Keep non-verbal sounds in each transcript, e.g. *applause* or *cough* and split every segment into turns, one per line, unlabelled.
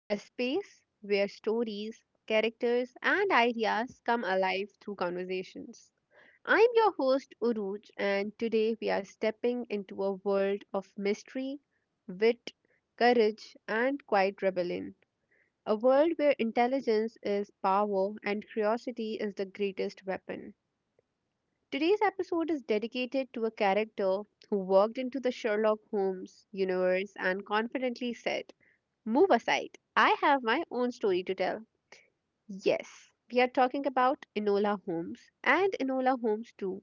a space where stories, characters, and ideas come alive through conversations. I'm your host, Uruj, and today we are stepping into a world of mystery, wit, courage, and quiet rebellion. A world where intelligence is power and curiosity is the greatest weapon. Today's episode is dedicated to a character who walked into the Sherlock Holmes universe and confidently said, "Move aside, I have my own story to tell." Yes, we are talking about Enola Holmes and Enola Holmes too.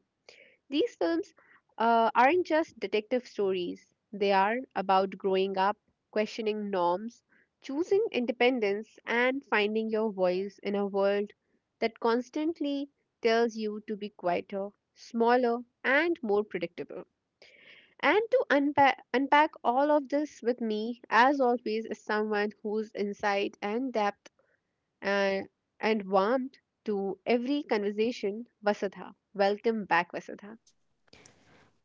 These films aren't just detective stories, they are about growing up, questioning norms, choosing independence, and finding your voice in a world that constantly tells you to be quieter, smaller, and more predictable. And to unpack all of this with me, as always, is someone whose insight and depth uh, and warmth to every conversation, Vasudha. Welcome back, Vasudha.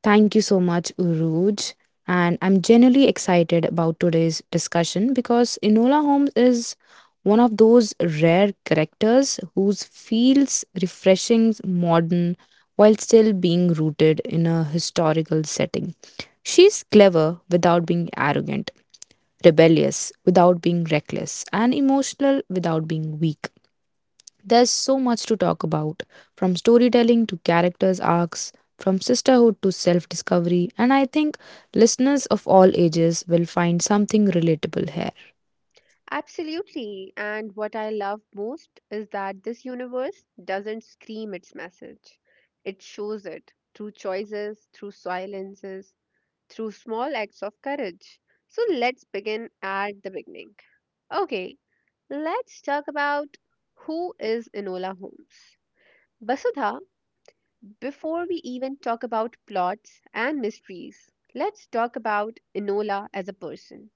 Thank you so much, Uruj. And I'm genuinely excited about today's discussion because Enola Holmes is one of those rare characters whose feels refreshing, modern, while still being rooted in a historical setting. She's clever without being arrogant, rebellious without being reckless, and emotional without being weak. There's so much to talk about, from storytelling to characters' arcs, from sisterhood to self discovery, and I think listeners of all ages will find something relatable here.
Absolutely. And what I love most is that this universe doesn't scream its message. It shows it through choices, through silences, through small acts of courage. So let's begin at the beginning. Okay, let's talk about who is Enola Holmes. Vasudha, before we even talk about plots and mysteries, let's talk about Enola as a person.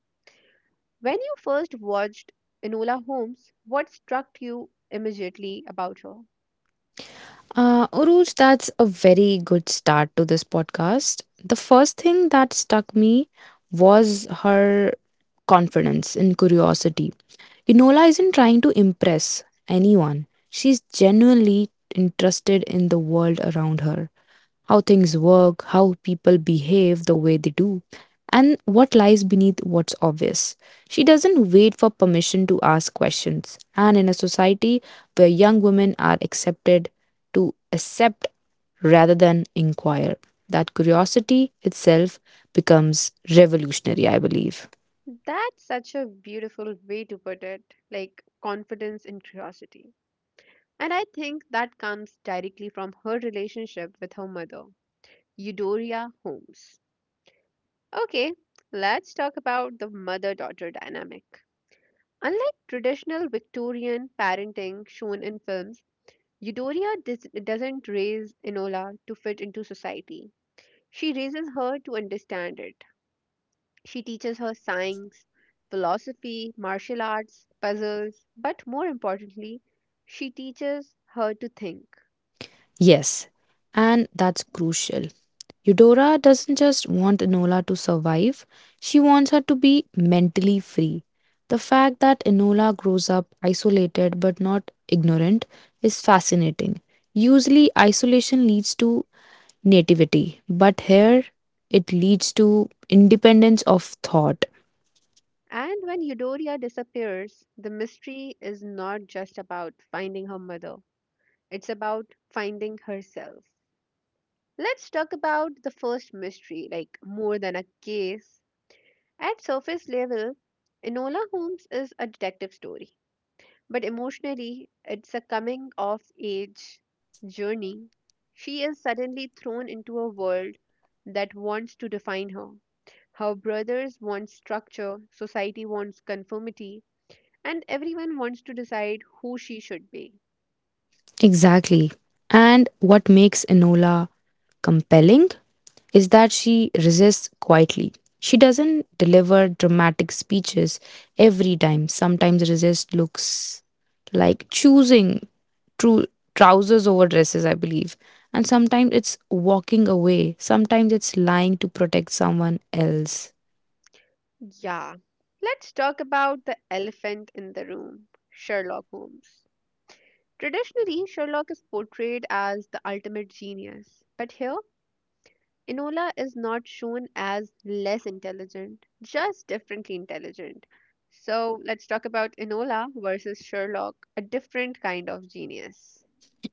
When you first watched Enola Holmes, what struck you immediately about her?
Uruj, that's a very good start to this podcast. The first thing that struck me was her confidence and curiosity. Enola isn't trying to impress anyone, she's genuinely interested in the world around her, how things work, how people behave the way they do, and what lies beneath what's obvious. She doesn't wait for permission to ask questions, and in a society where young women are accepted to accept rather than inquire. That curiosity itself becomes revolutionary, I believe.
That's such a beautiful way to put it, like confidence and curiosity. And I think that comes directly from her relationship with her mother, Eudoria Holmes. Okay, let's talk about the mother daughter dynamic. Unlike traditional Victorian parenting shown in films, Eudoria doesn't raise Enola to fit into society. She raises her to understand it. She teaches her science, philosophy, martial arts, puzzles, but more importantly, she teaches her to think.
Yes, and that's crucial. Eudora doesn't just want Enola to survive, she wants her to be mentally free. The fact that Enola grows up isolated but not ignorant is fascinating. Usually, isolation leads to nativity, but here it leads to independence of thought.
And when Eudoria disappears, the mystery is not just about finding her mother, it's about finding herself. Let's talk about the first mystery, like more than a case. At surface level, Enola Holmes is a detective story. But emotionally, it's a coming of age journey. She is suddenly thrown into a world that wants to define her. Her brothers want structure, society wants conformity, and everyone wants to decide who she should be.
Exactly. And what makes Enola compelling is that she resists quietly. She doesn't deliver dramatic speeches every time. Sometimes resist looks like choosing true trousers over dresses, I believe. And sometimes it's walking away. Sometimes it's lying to protect someone else.
Yeah. Let's talk about the elephant in the room, Sherlock Holmes. Traditionally, Sherlock is portrayed as the ultimate genius, but here Enola is not shown as less intelligent, just differently intelligent. So let's talk about Enola versus Sherlock, a different kind of genius.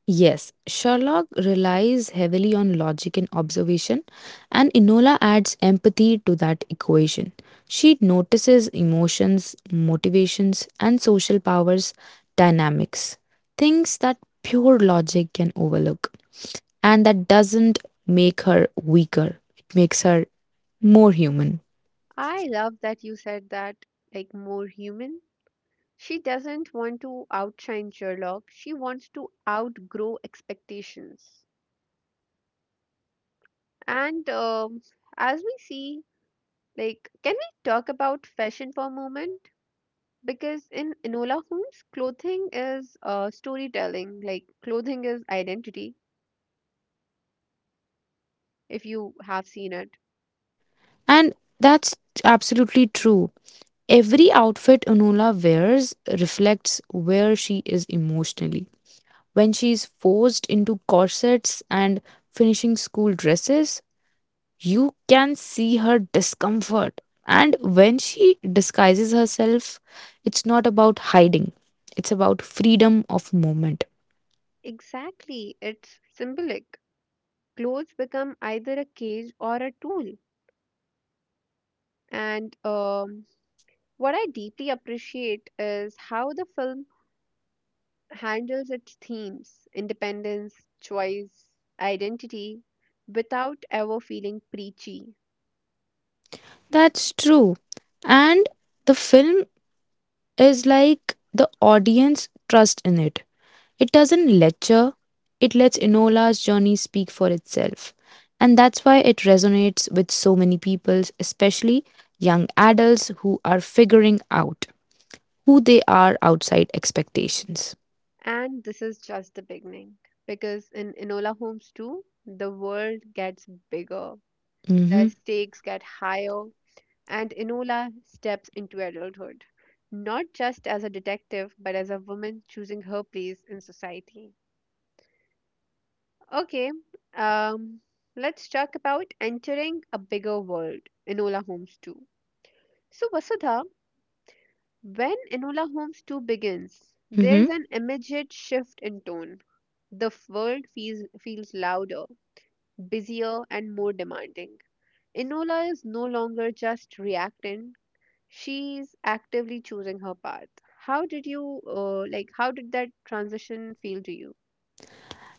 Yes, Sherlock relies heavily on logic and observation, and Enola adds empathy to that equation. She notices emotions, motivations, and social powers dynamics, things that pure logic can overlook. And that doesn't make her weaker, it makes her more human.
I love that you said that, like more human. She doesn't want to outshine Sherlock, she wants to outgrow expectations. And as we see, like, can we talk about fashion for a moment? Because in Enola Holmes, clothing is storytelling. Like clothing is identity. If you have seen it,
And that's absolutely true. Every outfit Enola wears reflects where she is emotionally when she's forced into corsets and finishing school dresses, you can see her discomfort. And when she disguises herself, it's not about hiding, it's about freedom of movement.
exactly, it's symbolic. Clothes become either a cage or a tool. And what I deeply appreciate is how the film handles its themes: independence, choice, identity, without ever feeling preachy.
That's true. And the film is like the audience trust in it. It doesn't lecture, it lets Enola's journey speak for itself. And that's why it resonates with so many people, especially young adults who are figuring out who they are outside expectations.
And this is just the beginning because in Enola Holmes too, the world gets bigger, the
Mm-hmm.
stakes get higher, and Enola steps into adulthood, not just as a detective, but as a woman choosing her place in society. Okay, um, let's talk about entering a bigger world, Enola Holmes 2. So, Vasudha, when Enola Holmes 2 begins,
Mm-hmm.
there's an immediate shift in tone. The world feels louder, busier and more demanding. Enola is no longer just reacting, she's actively choosing her path. How did you, like, how did that transition feel to you?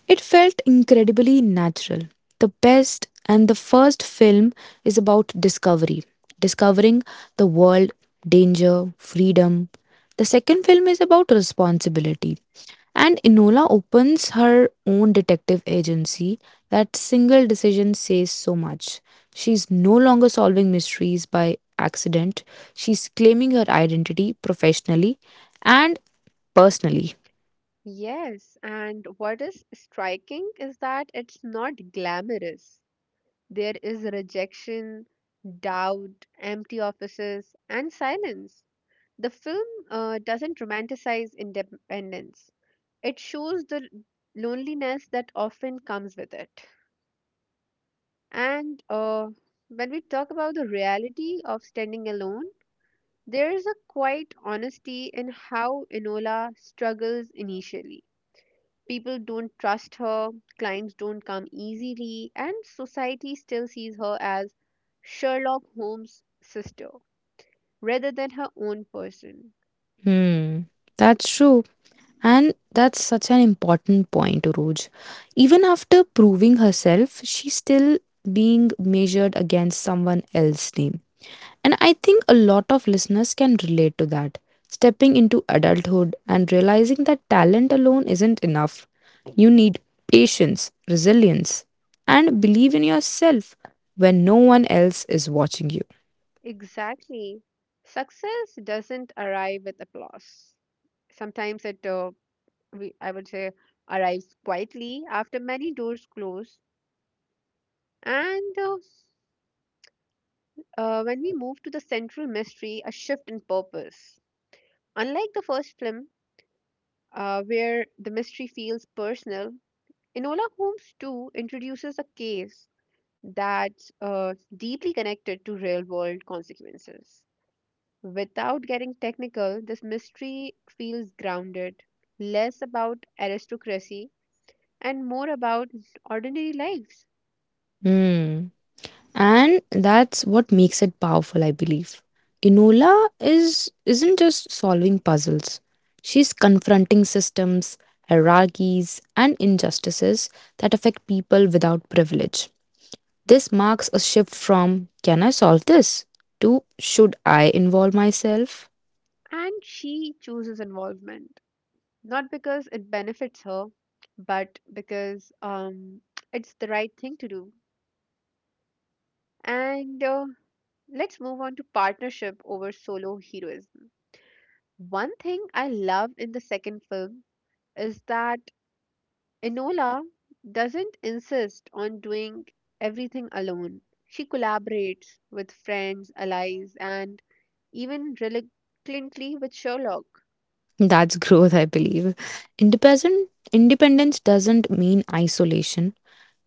It felt incredibly natural. The best and the first film is about discovery, discovering the world, danger, freedom. The second film is about responsibility. And Enola opens her own detective agency. That single decision says so much. She's no longer solving mysteries by accident, she's claiming her identity professionally and personally.
Yes, and what is striking is that it's not glamorous. There is rejection, doubt, empty offices, and silence. The film doesn't romanticize independence, it shows the loneliness that often comes with it. And when we talk about the reality of standing alone, there is a quiet honesty in how Enola struggles initially. People don't trust her, clients don't come easily, and society still sees her as Sherlock Holmes' sister rather than her own person.
Hmm, that's true. And that's such an important point, Roj. Even after proving herself, she's still being measured against someone else's name. And I think a lot of listeners can relate to that. Stepping into adulthood and realizing that talent alone isn't enough. You need patience, resilience, and believe in yourself when no one else is watching you.
Exactly. Success doesn't arrive with applause. Sometimes I would say, arrives quietly after many doors close. And when we move to the central mystery, a shift in purpose. Unlike the first film, where the mystery feels personal, Enola Holmes 2 introduces a case that's deeply connected to real world consequences. Without getting technical, this mystery feels grounded, less about aristocracy and more about ordinary lives.
Hmm, and that's what makes it powerful, I believe. Enola is isn't just solving puzzles, she's confronting systems, hierarchies, and injustices that affect people without privilege. This marks a shift from can I solve this to should I involve myself.
And she chooses involvement not because it benefits her, but because it's the right thing to do. And let's move on to partnership over solo heroism. One thing I love in the second film is that Enola doesn't insist on doing everything alone. She collaborates with friends, allies, and even reluctantly with Sherlock.
That's *laughs* growth, I believe. Independence doesn't mean isolation.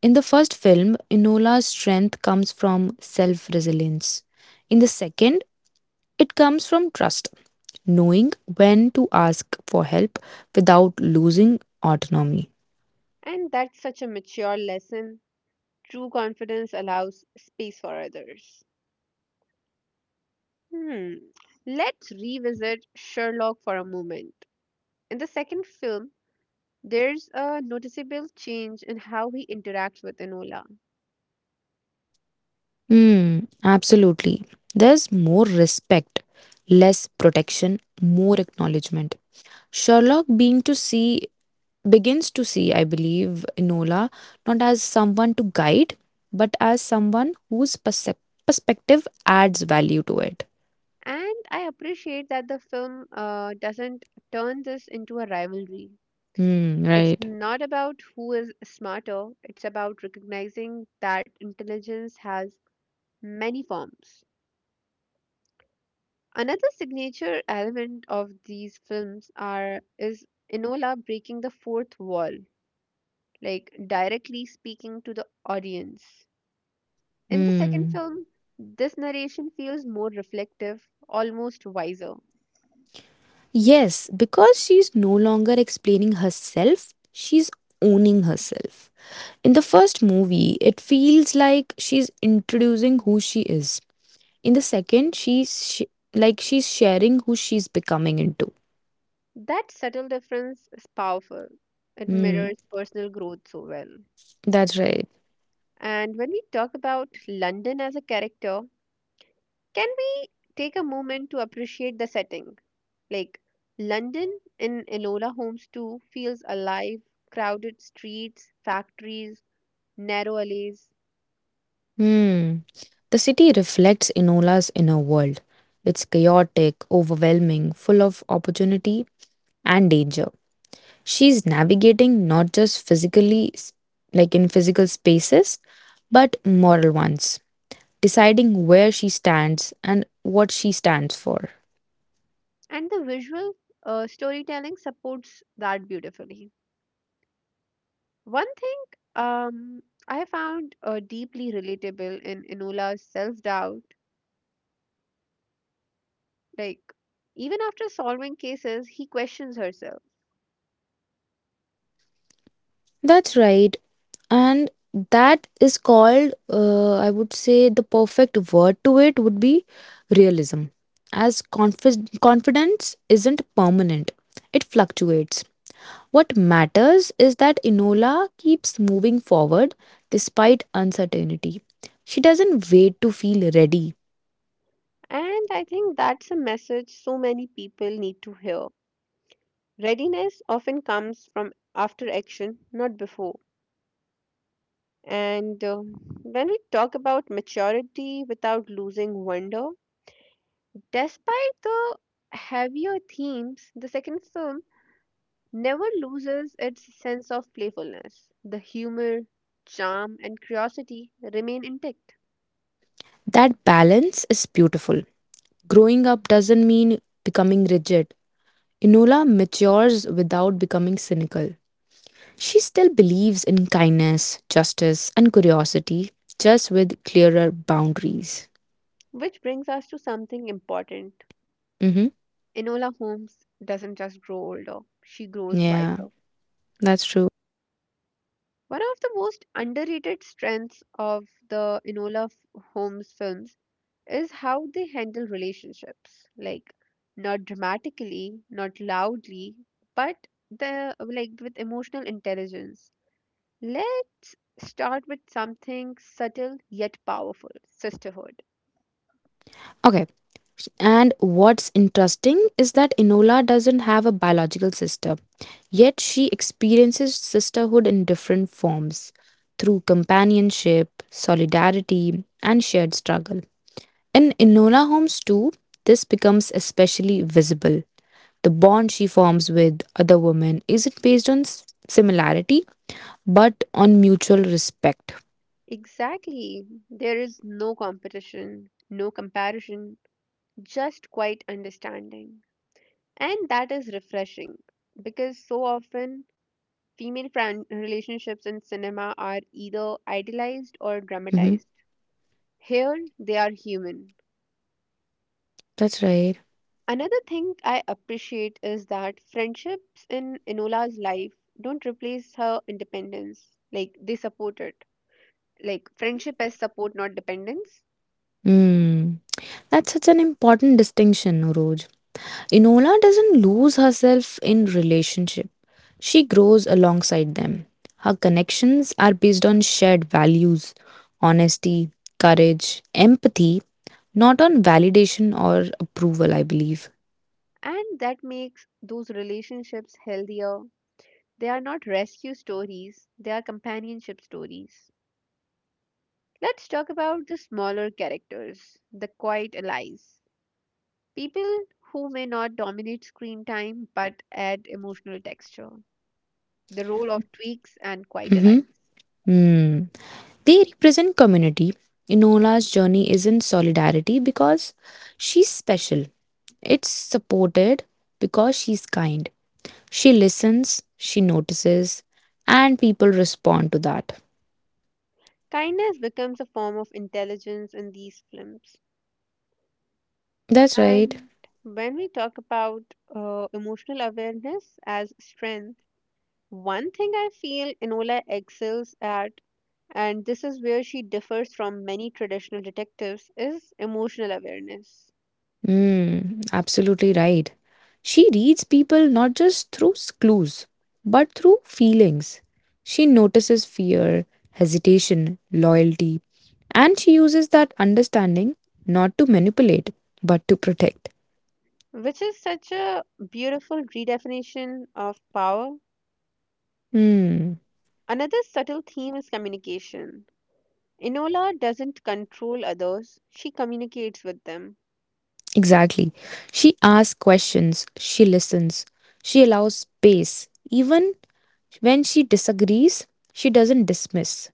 In the first film, Enola's strength comes from self resilience. In the second, it comes from trust, knowing when to ask for help without losing autonomy.
And that's such a mature lesson. True confidence allows space for others. Hmm. Let's revisit Sherlock for a moment. In the second film, there's a noticeable change in how he interacts with Enola.
Hmm, absolutely. There's more respect, less protection, more acknowledgement. Sherlock being to see begins to see, I believe, Enola not as someone to guide, but as someone whose perspective adds value to it.
And I appreciate that the film doesn't turn this into a rivalry.
Hmm.
It's
Right.
not about who is smarter, it's about recognizing that intelligence has many forms. Another signature element of these films are is Enola breaking the fourth wall, like directly speaking to the audience. In the second
Hmm.
film, this narration feels more reflective, almost wiser.
Yes, because she's no longer explaining herself, she's owning herself. In the first movie, it feels like she's introducing who she is. In the second, like she's sharing who she's becoming into.
That subtle difference is powerful. It
Hmm,
mirrors personal growth so well.
that's right.
And when we talk about London as a character, can we take a moment to appreciate the setting? Like, London in Enola Holmes 2 feels alive, crowded streets, factories, narrow alleys,
Hmm. The city reflects Enola's inner world. It's chaotic, overwhelming, full of opportunity and danger. She's navigating not just like in physical spaces, but moral ones, deciding where she stands and what she stands for.
and the visual storytelling supports that beautifully. One thing um, I found deeply relatable in Enola's self doubt. Like, even after solving cases, he questions herself.
That's right. And that is called, I would say the perfect word to it would be realism. As confidence isn't permanent, it fluctuates. What matters is that Enola keeps moving forward despite uncertainty. She doesn't wait to feel ready.
And I think that's a message so many people need to hear. Readiness often comes from after action, not before. And when we talk about maturity without losing wonder, despite the heavier themes, the second film never loses its sense of playfulness. The humor, charm, and curiosity remain intact,
That balance is beautiful. Growing up doesn't mean becoming rigid. Enola matures without becoming cynical. She still believes in kindness, justice, and curiosity, just with clearer boundaries.
which brings us to something important.
Hmm.
Enola Holmes doesn't just grow older, she grows
Yeah,
wiser.
that's true.
One of the most underrated strengths of the Holmes films is how they handle relationships. Like, not dramatically, not loudly, but the like with emotional intelligence. Let's start with something subtle yet powerful, sisterhood.
Okay. And what's interesting is that Enola doesn't have a biological sister, yet she experiences sisterhood in different forms through companionship, solidarity, and shared struggle. In Enola Holmes too, this becomes especially visible. The bond she forms with other women isn't based on similarity, but on mutual respect.
Exactly. There is no competition, no comparison, just quiet understanding. And that is refreshing because so often relationships in cinema are either idealized or
Mhm.
dramatized. Here, they are human.
That's right.
Another thing I appreciate is that friendships in Enola's life don't replace her independence. Like, they support it. Like, friendship as support, not dependence.
Mm. That's such an important distinction, Oroj. Enola doesn't lose herself in relationship. She grows alongside them. Her connections are based on shared values, honesty, courage, empathy, not on validation or approval, I believe.
And that makes those relationships healthier. They are not rescue stories, they are companionship stories. Let's talk about the smaller characters, the quiet allies, people who may not dominate screen time but add emotional texture, the role of tweaks and quiet
Mm-hmm.
allies.
Hmm. They represent community. Enola's journey is in solidarity because she's special. It's supported because she's kind. She listens, she notices, and people respond to that.
Kindness becomes a form of intelligence in these films.
That's right.
And when we talk about emotional awareness as strength, one thing I feel Enola excels at, and this is where she differs from many traditional detectives, is emotional awareness.
Mm, absolutely right. She reads people not just through clues, but through feelings. She notices fear, hesitation, loyalty, and she uses that understanding not to manipulate, but to protect.
Which is such a beautiful redefinition of power.
Hmm,
Another subtle theme is communication. Enola doesn't control others, she communicates with them.
exactly. She asks questions, she listens, she allows space. Even when she disagrees, she doesn't dismiss.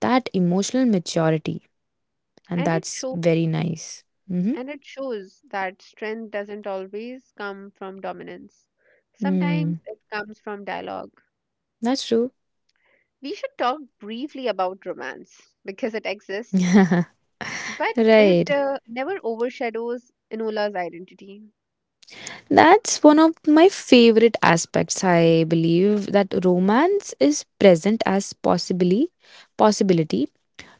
That emotional maturity. And
And it
that's
shows
very nice. Mm-hmm.
and it shows that strength doesn't always come from dominance. Sometimes
Mm,
it comes from dialogue.
that's true.
We should talk briefly about romance because it exists,
*laughs*
but it
Right.
never overshadows Enola's identity.
That's one of my favorite aspects. I believe that romance is present as possibly possibility,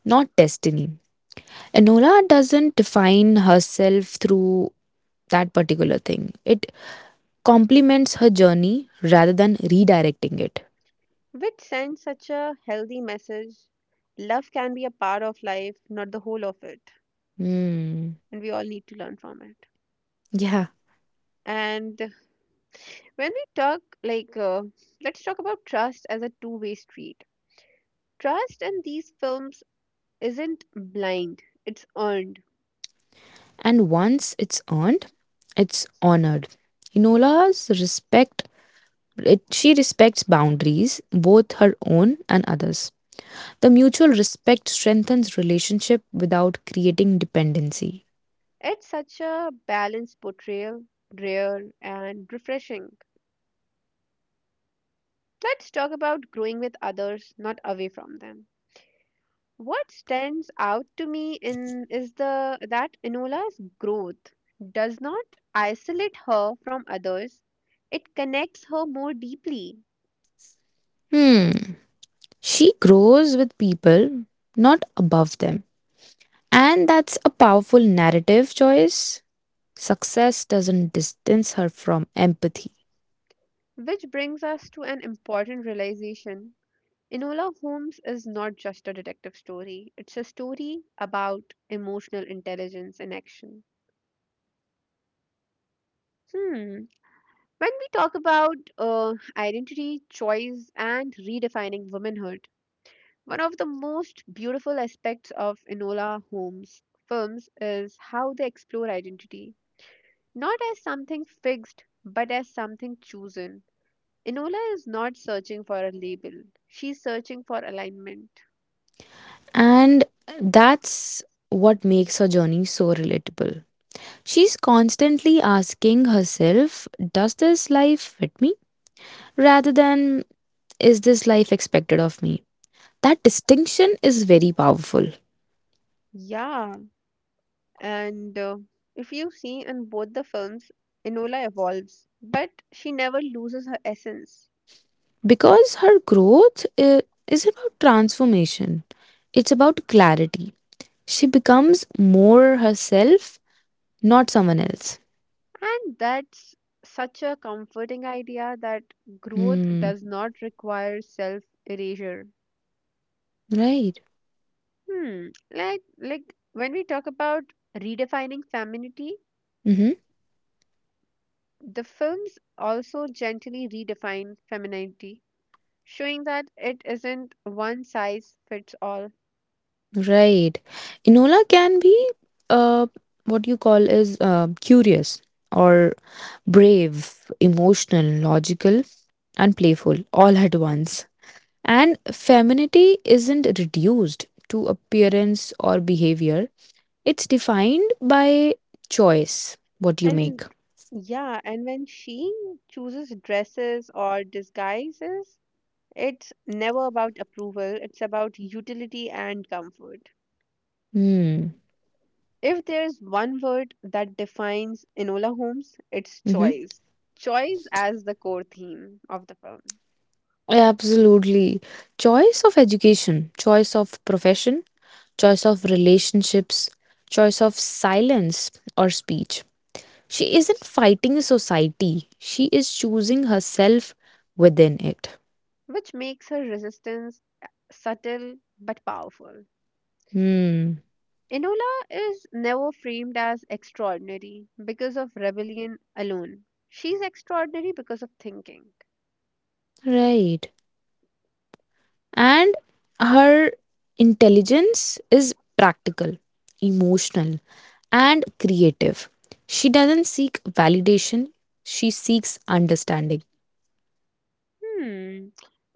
not destiny. Enola doesn't define herself through that particular thing. It complements her journey rather than redirecting it.
Which sends such a healthy message. Love can be a part of life, not the whole of it,
Hmm.
and we all need to learn from it.
Yeah.
And when we talk, let's talk about trust as a two-way street. Trust in these films isn't blind, it's earned.
And once it's earned, it's honored. Enola's respect It, she respects boundaries, both her own and others. The mutual respect strengthens relationship without creating dependency.
It's such a balanced portrayal, rare and refreshing. Let's talk about growing with others, not away from them. What stands out to me in is the that Enola's growth does not isolate her from others. It connects her more deeply,
Hmm. She grows with people, not above them. And that's a powerful narrative choice. Success doesn't distance her from empathy.
which brings us to an important realization. Enola Holmes is not just a detective story. It's a story about emotional intelligence in action. Hmm. When we talk about identity, choice, and redefining womanhood, one of the most beautiful aspects of Enola Holmes' films is how they explore identity, not as something fixed, but as something chosen. Enola is not searching for a label, she's searching for alignment.
And that's what makes her journey so relatable. She's constantly asking herself, does this life fit me? Rather than is this life expected of me? That distinction is very powerful
Yeah, and if you see in both the films, Enola evolves, but she never loses her essence.
because is about transformation, it's about clarity. She becomes more herself, not someone else.
And that's such a comforting idea that growth
Hmm.
does not require self erasure.
Right.
Hmm. Like when we talk about redefining femininity,
Mm-hmm.
the films also gently redefine femininity, showing that it isn't one size fits all.
Right. Enola can be, uh, what you call is, curious or brave, emotional, logical, and playful all at once. And femininity isn't reduced to appearance or behavior, it's defined by choice, what you
And
make.
yeah, and when she chooses dresses or disguises, it's never about approval, it's about utility and comfort.
Hmm.
If there's one word that defines Enola Holmes, it's
Mm-hmm.
choice. Choice as the core theme of the film.
Absolutely. Choice of education, choice of profession, choice of relationships, choice of silence or speech. She isn't fighting society, she is choosing herself within it.
Which makes her resistance subtle but powerful.
Hmm.
Enola is never framed as extraordinary because of rebellion alone. She's extraordinary because of thinking.
Right. And her intelligence is practical, emotional, and creative. She doesn't seek validation, she seeks understanding.
Hmm.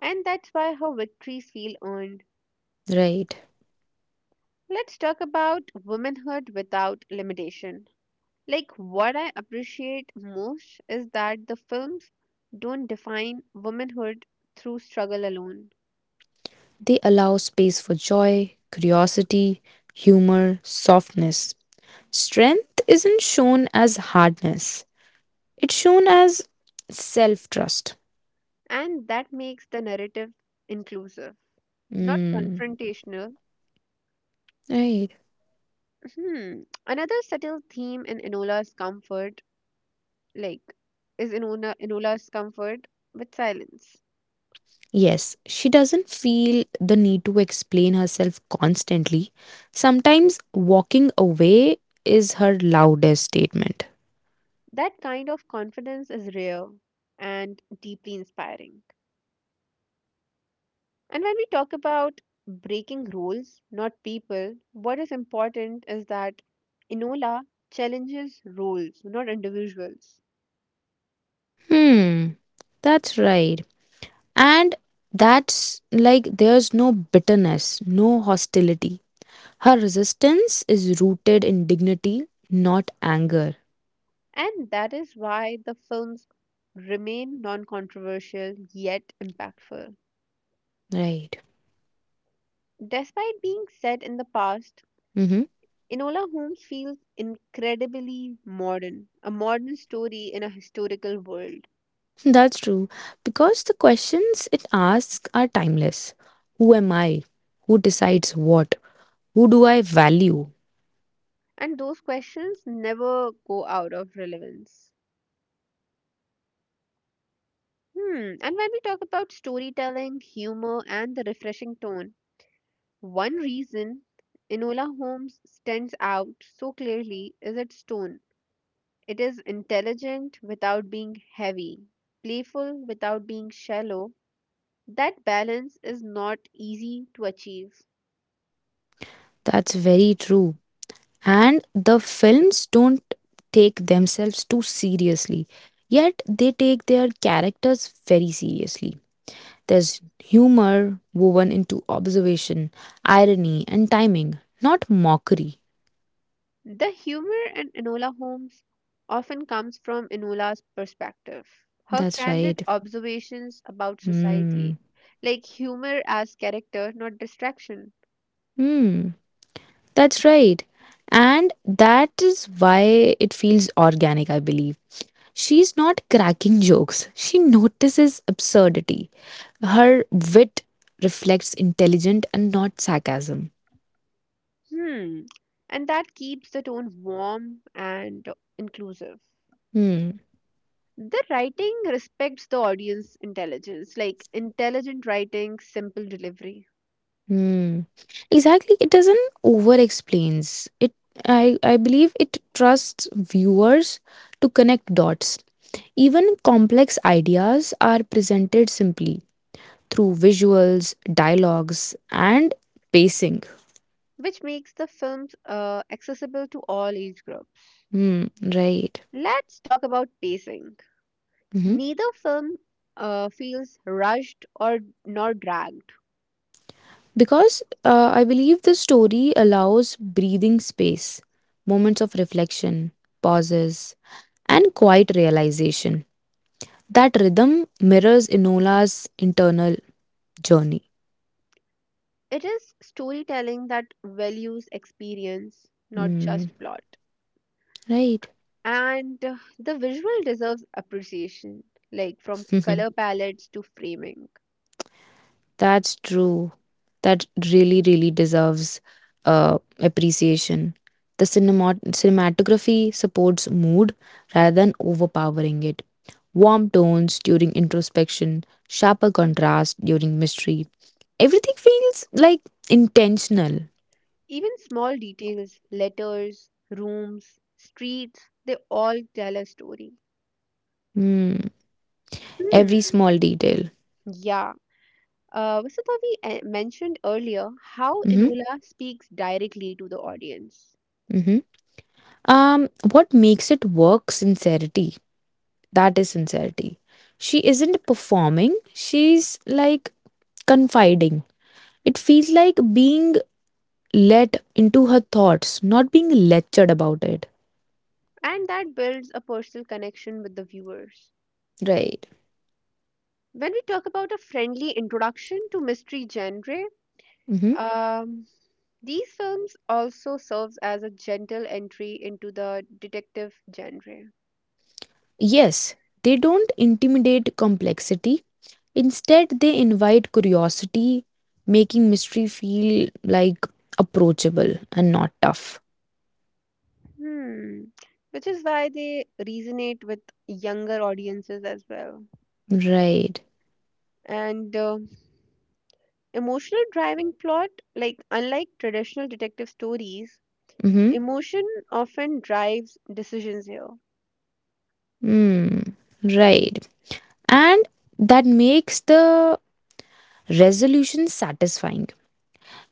And that's why her victories feel earned.
Right.
Let's talk about womanhood without limitation. What I appreciate most is that the films don't define womanhood through struggle alone,
They allow space for joy, curiosity, humor, softness. Strength isn't shown as hardness, it's shown as self trust.
and that makes the narrative inclusive, not
Mm,
confrontational.
right.
Hmm. Another subtle theme in Enola's comfort, like, is Enola's comfort with silence.
Yes, she doesn't feel the need to explain herself constantly. Sometimes walking away is her loudest statement.
That kind of confidence is rare and deeply inspiring. And when we talk about breaking rules, not people, what is important is that Enola challenges roles, not individuals.
Hmm, that's right. And that's like there's no bitterness, no hostility. Her resistance is rooted in dignity, not anger.
And that is why the films remain non controversial yet impactful.
Right.
Despite being set in the past,
Mm-hmm.
Enola Holmes feels incredibly modern, a modern story in a historical world.
That's true. Because the questions it asks are timeless. Who am I? Who decides what? Who do I value?
And those questions never go out of relevance. Hmm, and when we talk about storytelling, humor, and the refreshing tone, one reason Enola Holmes stands out so clearly is its tone. It is intelligent without being heavy, playful without being shallow. That balance is not easy to achieve.
That's very true. And the films don't take themselves too seriously, yet they take their characters very seriously. There's humor woven into observation, irony, and timing, not mockery.
The humor in Enola Holmes often comes from Enola's perspective. Her
That's
candid
right.
observations about
Hmm.
society, like humor as character, not distraction.
Hmm. That's right. And that is why it feels organic, I believe. She's not cracking jokes, she notices absurdity. Her wit reflects intelligence and not sarcasm.
Hmm. And that keeps the tone warm and inclusive.
Hmm.
The writing respects the audience intelligence, like intelligent writing, simple delivery,
Hmm. Exactly. It doesn't over explains. I believe it trusts viewers to connect dots. Even complex ideas are presented simply through visuals, dialogues, and pacing.
which makes the films accessible to all age groups.
Hmm, right.
Let's talk about pacing.
Mhm.
Neither film feels rushed or nor dragged.
Because, I believe the story allows breathing space, moments of reflection, pauses, and quiet realization. That rhythm mirrors Enola's internal journey.
It is storytelling that values experience, not
Mm,
just plot.
right.
And the visual deserves appreciation, like from color
*laughs*
palettes to framing.
That's true. That really, really deserves, appreciation. The cinematography supports mood rather than overpowering it. Warm tones during introspection, sharper contrast during mystery. Everything feels like intentional.
Even small details, letters, rooms, streets, they all tell a story.
Mm, every
Hmm.
small detail.
Yeah. Vasudha, we mentioned earlier how
Mm-hmm.
Enola speaks directly to the audience,
Mm-hmm. What makes it work? Sincerity. That is sincerity. She isn't performing, she's like confiding. It feels like being let into her thoughts, not being lectured about it.
and that builds a personal connection with the viewers.
Right.
When we talk about a friendly introduction to mystery genre,
Hmm.
um, these films also serves as a gentle entry into the detective genre.
Yes, they don't intimidate complexity. Instead, they invite curiosity, making mystery feel like approachable and not tough.
Hmm. Which is why they resonate with younger audiences as well.
Right.
And emotional driving plot, like unlike traditional detective stories,
Mm-hmm.
emotion often drives decisions here,
Mm. Right. And that makes the resolution satisfying.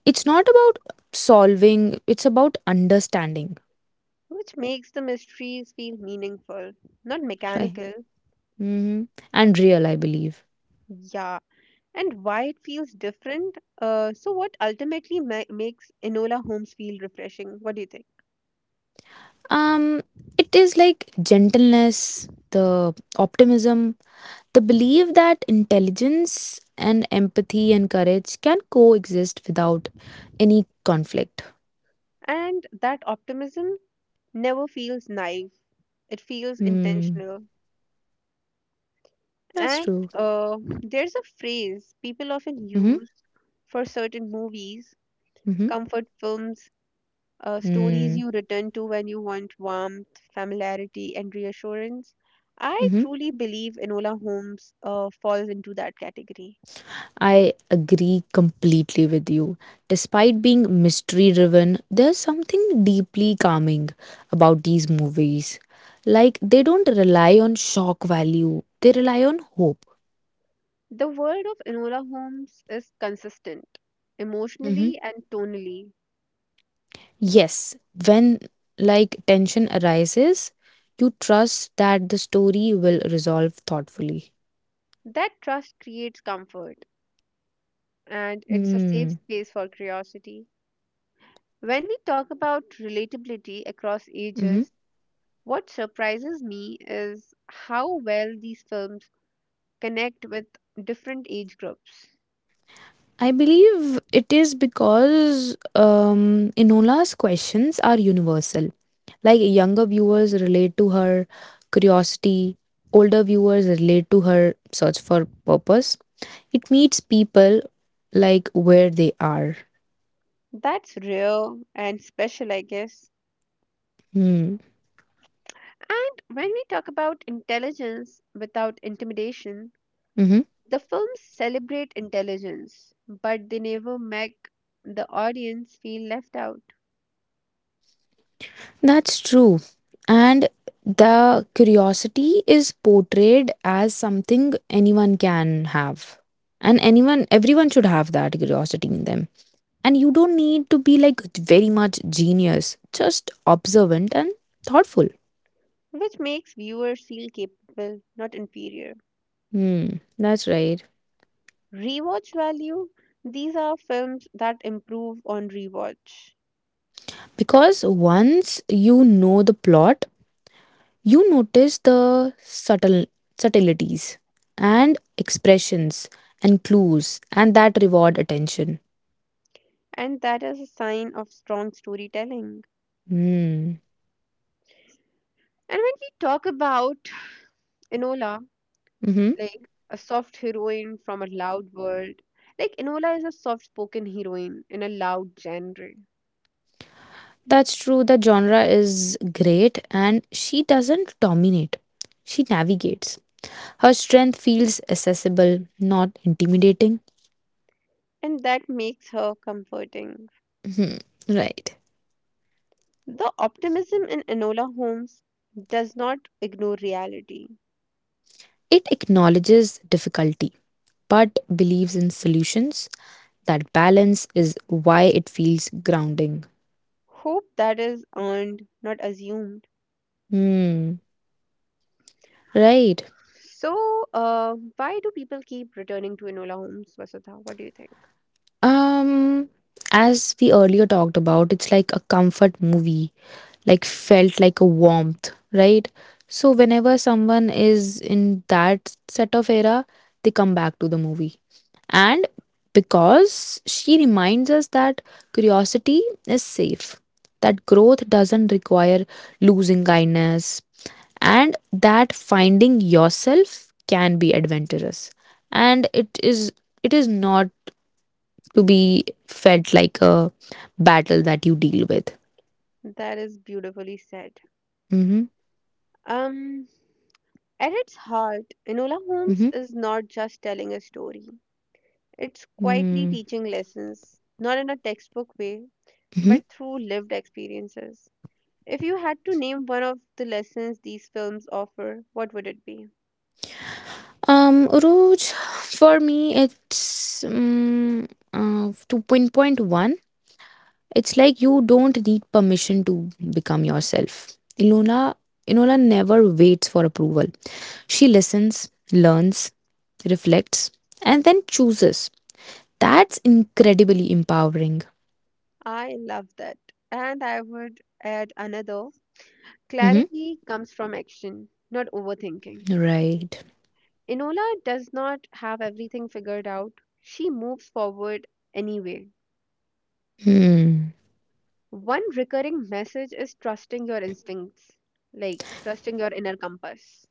It's not about solving, it's about understanding.
which makes the mysteries feel meaningful, not
*laughs* Right.
mechanical.
Hmm. And real, I believe.
Yeah. And why it feels different? So, what ultimately makes Enola Holmes feel refreshing? What do you think?
um it is like gentleness, the optimism, the belief that intelligence and empathy and courage can coexist without any conflict.
And that optimism never feels naive, it feels
Hmm,
intentional.
that's
And
true.
there's a phrase people often
Mm-hmm.
use for certain movies,
Mm-hmm.
comfort films, stories
Hmm.
you return to when you want warmth, familiarity, and reassurance. I
Mm-hmm.
truly believe Enola Holmes falls into that category.
I agree completely with you. Despite being mystery driven, there's something deeply calming about these movies. Like, they don't rely on shock value, they rely on hope.
The world of Enola Holmes is consistent,
Mhm.
emotionally and tonally.
Yes, when like tension arises, you trust that the story will resolve thoughtfully.
That trust creates comfort, and it's a
Mm-hmm.
safe space for curiosity. When we talk about relatability across ages, what surprises me is how well these films connect with different age groups.
I believe it is because, Enola's questions are universal. Like younger viewers relate to her curiosity, older viewers relate to her search for purpose. It meets people like where they are.
That's rare and special, I guess.
Hmm.
And when we talk about intelligence without intimidation,
Mhm.
the films celebrate intelligence, but they never make the audience feel left out,
That's true. And the curiosity is portrayed as something anyone can have. And anyone, everyone should have that curiosity in them. And you don't need to be like very much genius, just observant and thoughtful.
which makes viewers feel capable, not inferior.
Hmm, that's right.
Rewatch value, these are films that improve on rewatch,
Because once you know the plot, you notice the subtleties and expressions and clues and that reward attention.
and that is a sign of strong storytelling.
Hmm.
And when we talk about Enola,
Mm-hmm.
like a soft heroine from a loud world. Like Enola is a soft spoken heroine in a loud genre,
That's true. The genre is great and she doesn't dominate. She navigates. Her strength feels accessible, not intimidating.
and that makes her comforting.
Mhm. Right.
The optimism in Enola Holmes does not ignore reality.
It acknowledges difficulty but believes in solutions. That balance is why it feels grounding.
Hope that is earned, not assumed.
Hmm. Right.
So, why do people keep returning to Enola Holmes, Vasudha? What do you think?
Um, as we earlier talked about, it's like a comfort movie, like felt like a warmth, right? So whenever someone is in that set of era, they come back to the movie. And because she reminds us that curiosity is safe, that growth doesn't require losing kindness, and that finding yourself can be adventurous. And it is not to be felt like a battle that you deal with.
That is beautifully said.
Mm-hmm.
Um, at its heart, Enola Holmes
Mm-hmm.
is not just telling a story. It's quietly
Mm-hmm.
teaching lessons, not in a textbook way,
Mm-hmm.
but through lived experiences. If you had to name one of the lessons these films offer, what would it be?
Roj, for me, it's to pinpoint one. It's like you don't need permission to become yourself. Ilona, Inola never waits for approval. She listens, learns, reflects, and then chooses. That's incredibly empowering.
I love that. And I would add another,
Mm-hmm.
clarity comes from action, not overthinking.
Right.
Enola does not have everything figured out, she moves forward anyway.
Hmm.
One recurring message is trusting your instincts, like trusting your inner compass.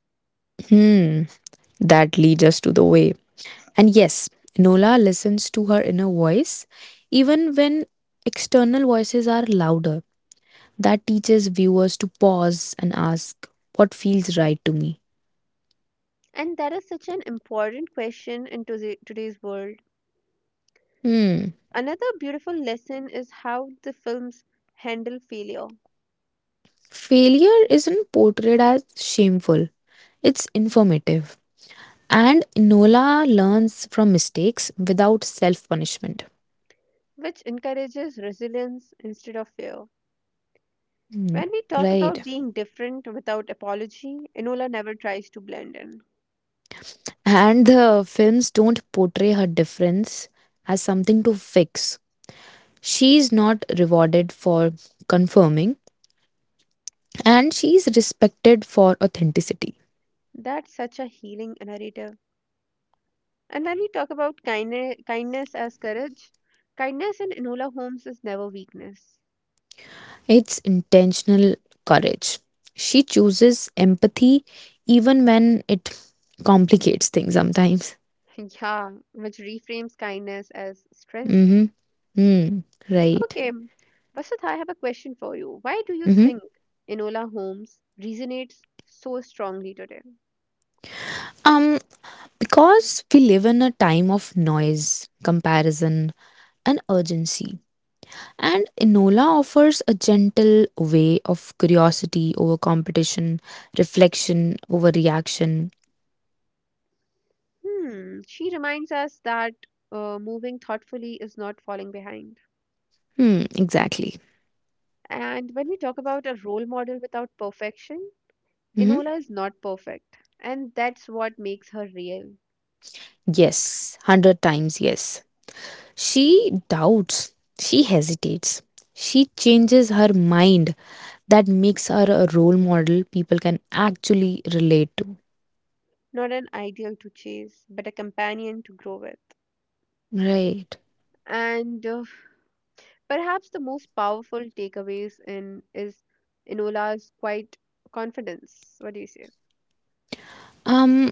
Hmm. That lead us to the way. And yes, Nola listens to her inner voice even when external voices are louder. That teaches viewers to pause and ask, what feels right to me?
And that is such an important question in today's world.
Hmm.
Another beautiful lesson is how the films handle failure,
Failure isn't portrayed as shameful, it's informative. And Nola learns from mistakes without self punishment.
which encourages resilience instead of fear.
Hmm,
When we talk
right.
about being different without apology, Enola never tries to blend in.
And the films don't portray her difference as something to fix. She's not rewarded for confirming, and she's respected for authenticity.
That's such a healing narrative. And when we talk about kindness, kindness as courage, kindness in Enola Holmes is never weakness.
It's intentional courage. She chooses empathy even when it complicates things sometimes.
*laughs* Yeah, which reframes kindness as strength.
Mm-hmm. Mm, right.
Okay, Vasant, I have a question for you. Why do you
Mm-hmm.
think Enola Holmes resonates so strongly today?
Um, because we live in a time of noise, comparison, and urgency. And Enola offers a gentle way of curiosity over competition, reflection over reaction.
Hmm, she reminds us that moving thoughtfully is not falling behind.
Hmm, exactly.
And when we talk about a role model without perfection,
Mhm.
Enola is not perfect. And that's what makes her real.
Yes, hundred times yes. She doubts, she hesitates, she changes her mind. That makes her a role model people can actually relate to.
Not an ideal to chase, but a companion to grow with.
Right.
And perhaps the most powerful takeaways in is Enola's quiet confidence. What do you say?
Um,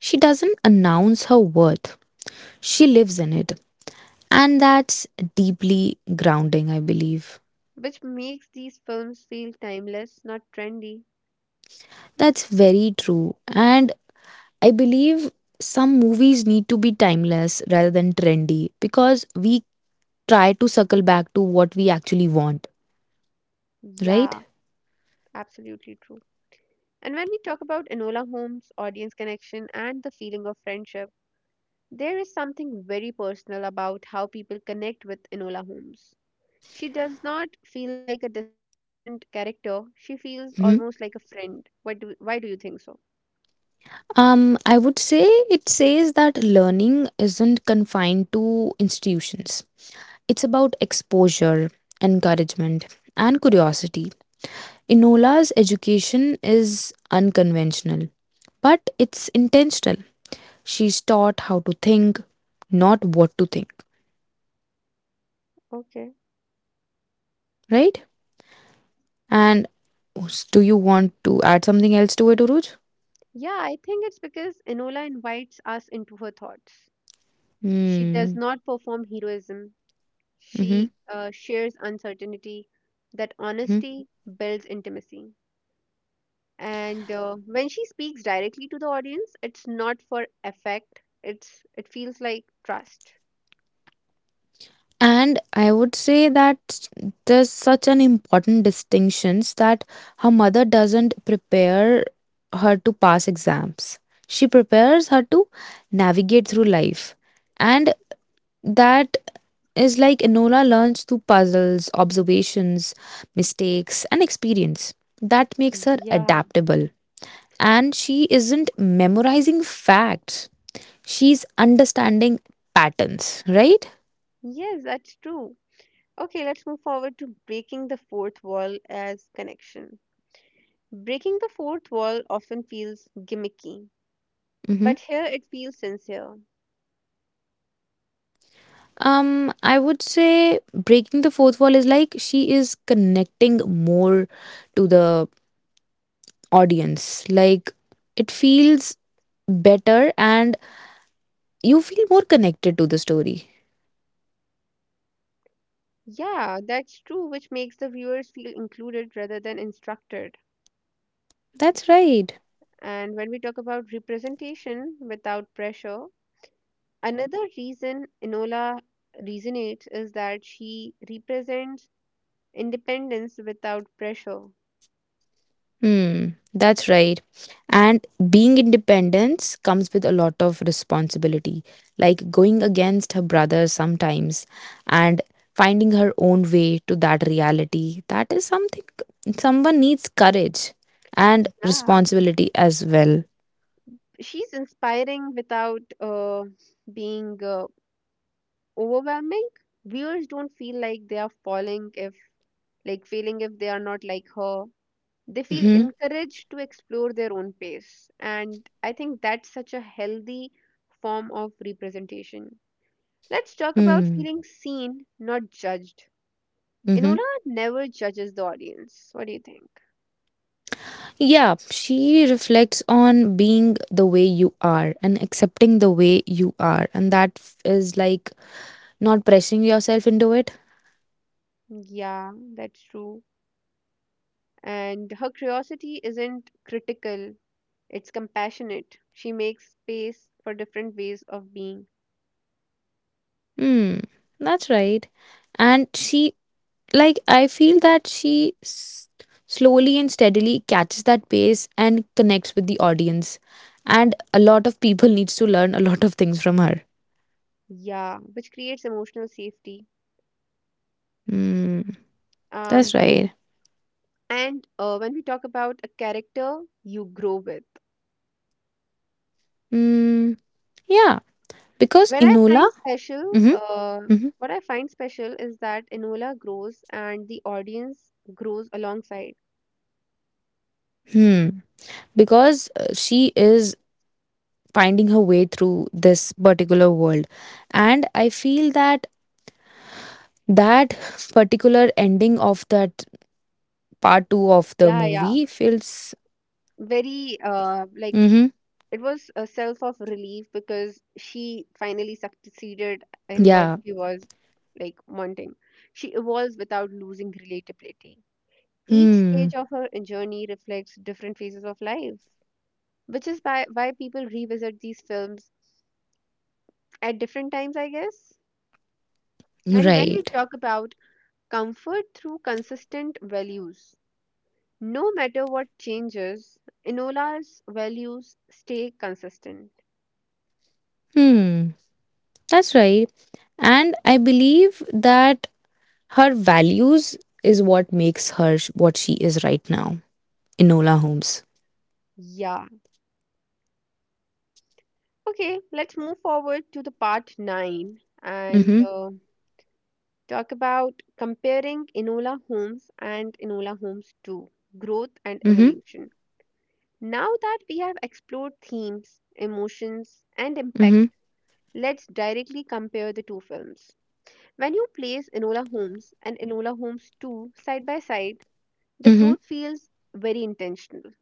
she doesn't announce her worth, she lives in it. And that's deeply grounding, I believe.
Which makes these films feel timeless, not trendy.
That's very true. And I believe some movies need to be timeless rather than trendy because we try to circle back to what we actually want, right?
Yeah, absolutely true. And when we talk about Enola Holmes, audience connection, and the feeling of friendship, there is something very personal about how people connect with Enola Holmes. She does not feel like a distant character. She feels almost like a
Mhm.
friend. What do? Why do you think so?
Um, I would say it says that learning isn't confined to institutions. It's about exposure, encouragement, and curiosity. Inola's education is unconventional, but it's intentional. She's taught how to think, not what to think.
Okay.
Right? And do you want to add something else to it, Uruj?
Yeah, I think it's because Enola invites us into her thoughts. She does
Hmm.
not perform heroism. She
Mm-hmm.
shares uncertainty. That
Hmm.
honesty builds intimacy. And when she speaks directly to the audience, it's not for effect. It feels like trust.
And I would say that there's such an important distinctions that her mother doesn't prepare her to pass exams. She prepares her to navigate through life. And that is like Enola learns through puzzles, observations, mistakes, and experience. That makes her
Yeah.
adaptable and she isn't memorizing facts, she's understanding patterns, right?
Yes, that's true. Okay, let's move forward to breaking the fourth wall as connection. Breaking the fourth wall often feels gimmicky,
Mm-hmm.
but here it feels sincere.
Um, I would say breaking the fourth wall is like she is connecting more to the audience, like it feels better and you feel more connected to the story.
Yeah, that's true, which makes the viewers feel included rather than instructed.
That's right.
And when we talk about representation without pressure, another reason Enola resonates is that she represents independence without pressure.
Hmm, that's right. And being independent comes with a lot of responsibility, like going against her brother sometimes and finding her own way to that reality. That is something someone needs courage and
Yeah,
responsibility as well.
she's inspiring without being overwhelming. Viewers don't feel like they are falling if, like, failing if they are not like her. They feel
Mm-hmm.
encouraged to explore their own pace, and I think that's such a healthy form of representation. Let's talk about
Hmm.
feeling seen, not judged.
Mm-hmm.
Enola never judges the audience. What do you think?
Yeah, she reflects on being the way you are and accepting the way you are, and that is like not pressing yourself into it.
Yeah, that's true. And her curiosity isn't critical, it's compassionate. She makes space for different ways of being.
Hmm, that's right. And she, like, I feel that she slowly and steadily catches that pace and connects with the audience. And a lot of people needs to learn a lot of things from her.
Yeah, which creates emotional safety.
Hmm, that's
When we
right.
And when we talk about a character you grow with.
Hmm, yeah, because
When I
Inola,
find special,
mm-hmm, mm-hmm,
What I find special is that Enola grows and the audience grows alongside.
hmm, because she is finding her way through this particular world, and I feel that that particular ending of that part 2 of the
Yeah, yeah.
movie feels
Very like
Mm-hmm.
it was a self of relief because she finally succeeded in what
Yeah.
she was like wanting. She evolves without losing relatability. Each stage
Hmm.
of her journey reflects different phases of life, which is why people revisit these films at different times, I guess. And when we
Right.
talk about comfort through consistent values. No matter what changes, Enola's values stay consistent.
Hmm. That's right. And I believe that her values is what makes her what she is right now, Enola Holmes.
Yeah. Okay, let's move forward to the part 9 and
Mm-hmm.
talk about comparing Enola Holmes and Enola Holmes 2, growth and
Mm-hmm.
evolution. Now that we have explored themes, emotions, and impact,
Mm-hmm.
let's directly compare the two films. When you place Enola Holmes and Enola Holmes 2 side by side, the
Mm-hmm.
growth feels very intentional.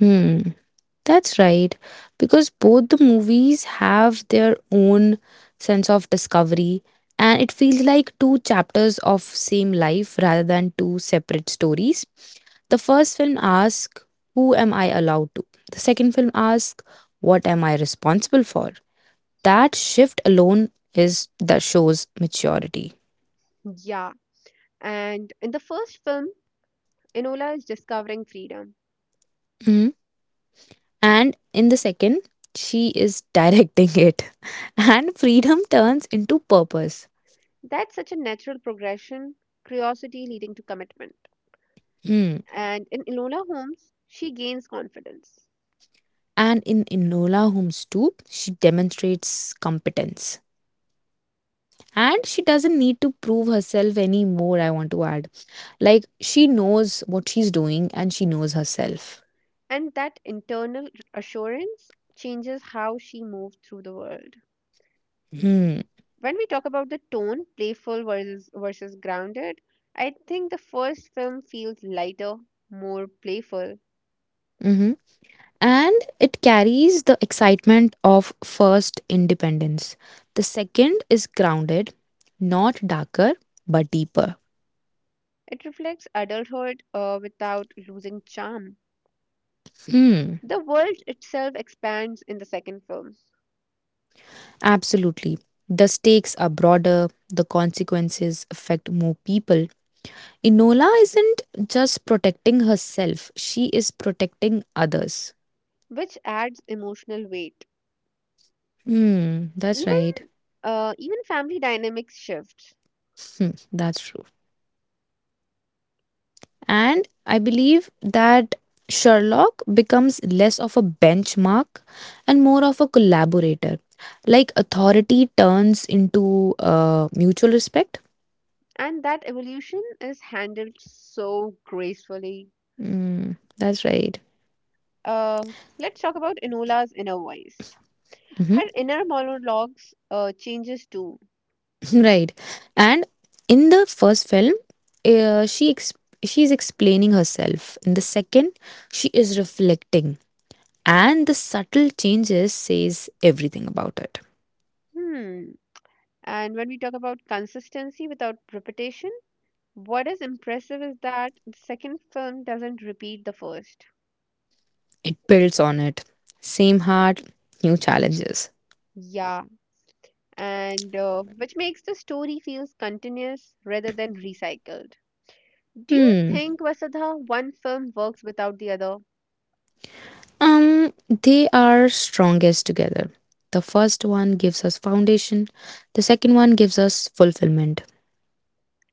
Hmm. That's right. Because both the movies have their own sense of discovery and it feels like two chapters of same life rather than two separate stories. The first film asks, who am I allowed to? The second film asks, what am I responsible for? That shift alone is that shows maturity.
Yeah, and in the first film, Enola is discovering freedom.
Mhm. And in the second, she is directing it. *laughs* And freedom turns into purpose.
That's such a natural progression, curiosity leading to commitment.
Hmm.
And in Enola Holmes, she gains confidence.
And in Inola Holmes too, she demonstrates competence. And she doesn't need to prove herself anymore, I want to add. Like, she knows what she's doing and she knows herself.
And that internal assurance changes how she moves through the world.
Hmm.
When we talk about the tone, playful versus grounded, I think the first film feels lighter, more playful.
Mhm. And it carries the excitement of first independence. The second is grounded, not darker, but deeper.
It reflects adulthood without losing charm.
Hmm.
The world itself expands in the second film,
Absolutely. The stakes are broader, the consequences affect more people. Enola isn't just protecting herself, she is protecting others.
which adds emotional weight.
Hmm, that's
Even
right.
even family dynamics shift,
Hmm, that's true. And I believe that Sherlock becomes less of a benchmark and more of a collaborator. Like authority turns into mutual respect.
and that evolution is handled so gracefully.
Mm, that's right.
Uh, let's talk about Enola's inner voice.
Hmm.
Her inner monologues changes too.
*laughs* Right. And in the first film, uh, she ex- she is explaining herself. In the second, she is reflecting, and the subtle changes says everything about it.
Hmm. And when we talk about consistency without repetition, what is impressive is that the second film doesn't repeat the first.
It builds on it. Same heart, new challenges.
Yeah, and which makes the story feels continuous rather than recycled. Do you
Hmm.
think, Vasudha, one film works without the other?
Um, they are strongest together. The first one gives us foundation. The second one gives us fulfillment.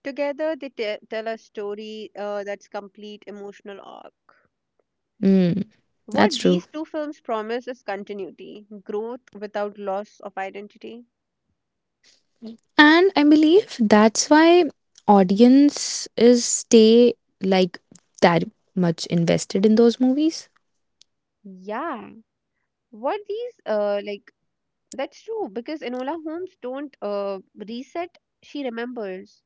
Together, they tell a story that's complete emotional arc.
Hmm. That's
What
true.
these two films promise is continuity, growth without loss of identity.
And I believe that's why audience is stay like that much invested in those movies.
Yeah. What these like That's true because Enola Holmes don't reset, she remembers.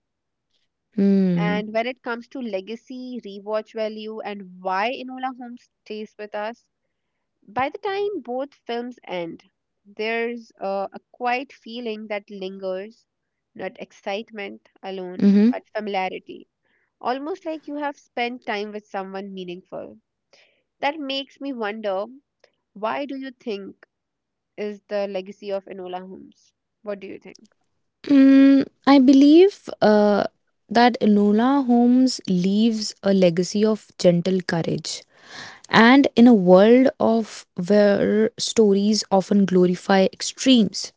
Hmm.
And when it comes to legacy, rewatch value, and why Enola Holmes stays with us, by the time both films end, there's a quiet feeling that lingers, not excitement alone,
Mm-hmm.
but familiarity. Almost like you have spent time with someone meaningful. That makes me wonder, why do you think is the legacy of Enola Holmes? What do you think?
I believe that Enola Holmes leaves a legacy of gentle courage. And in a world of where stories often glorify extremes,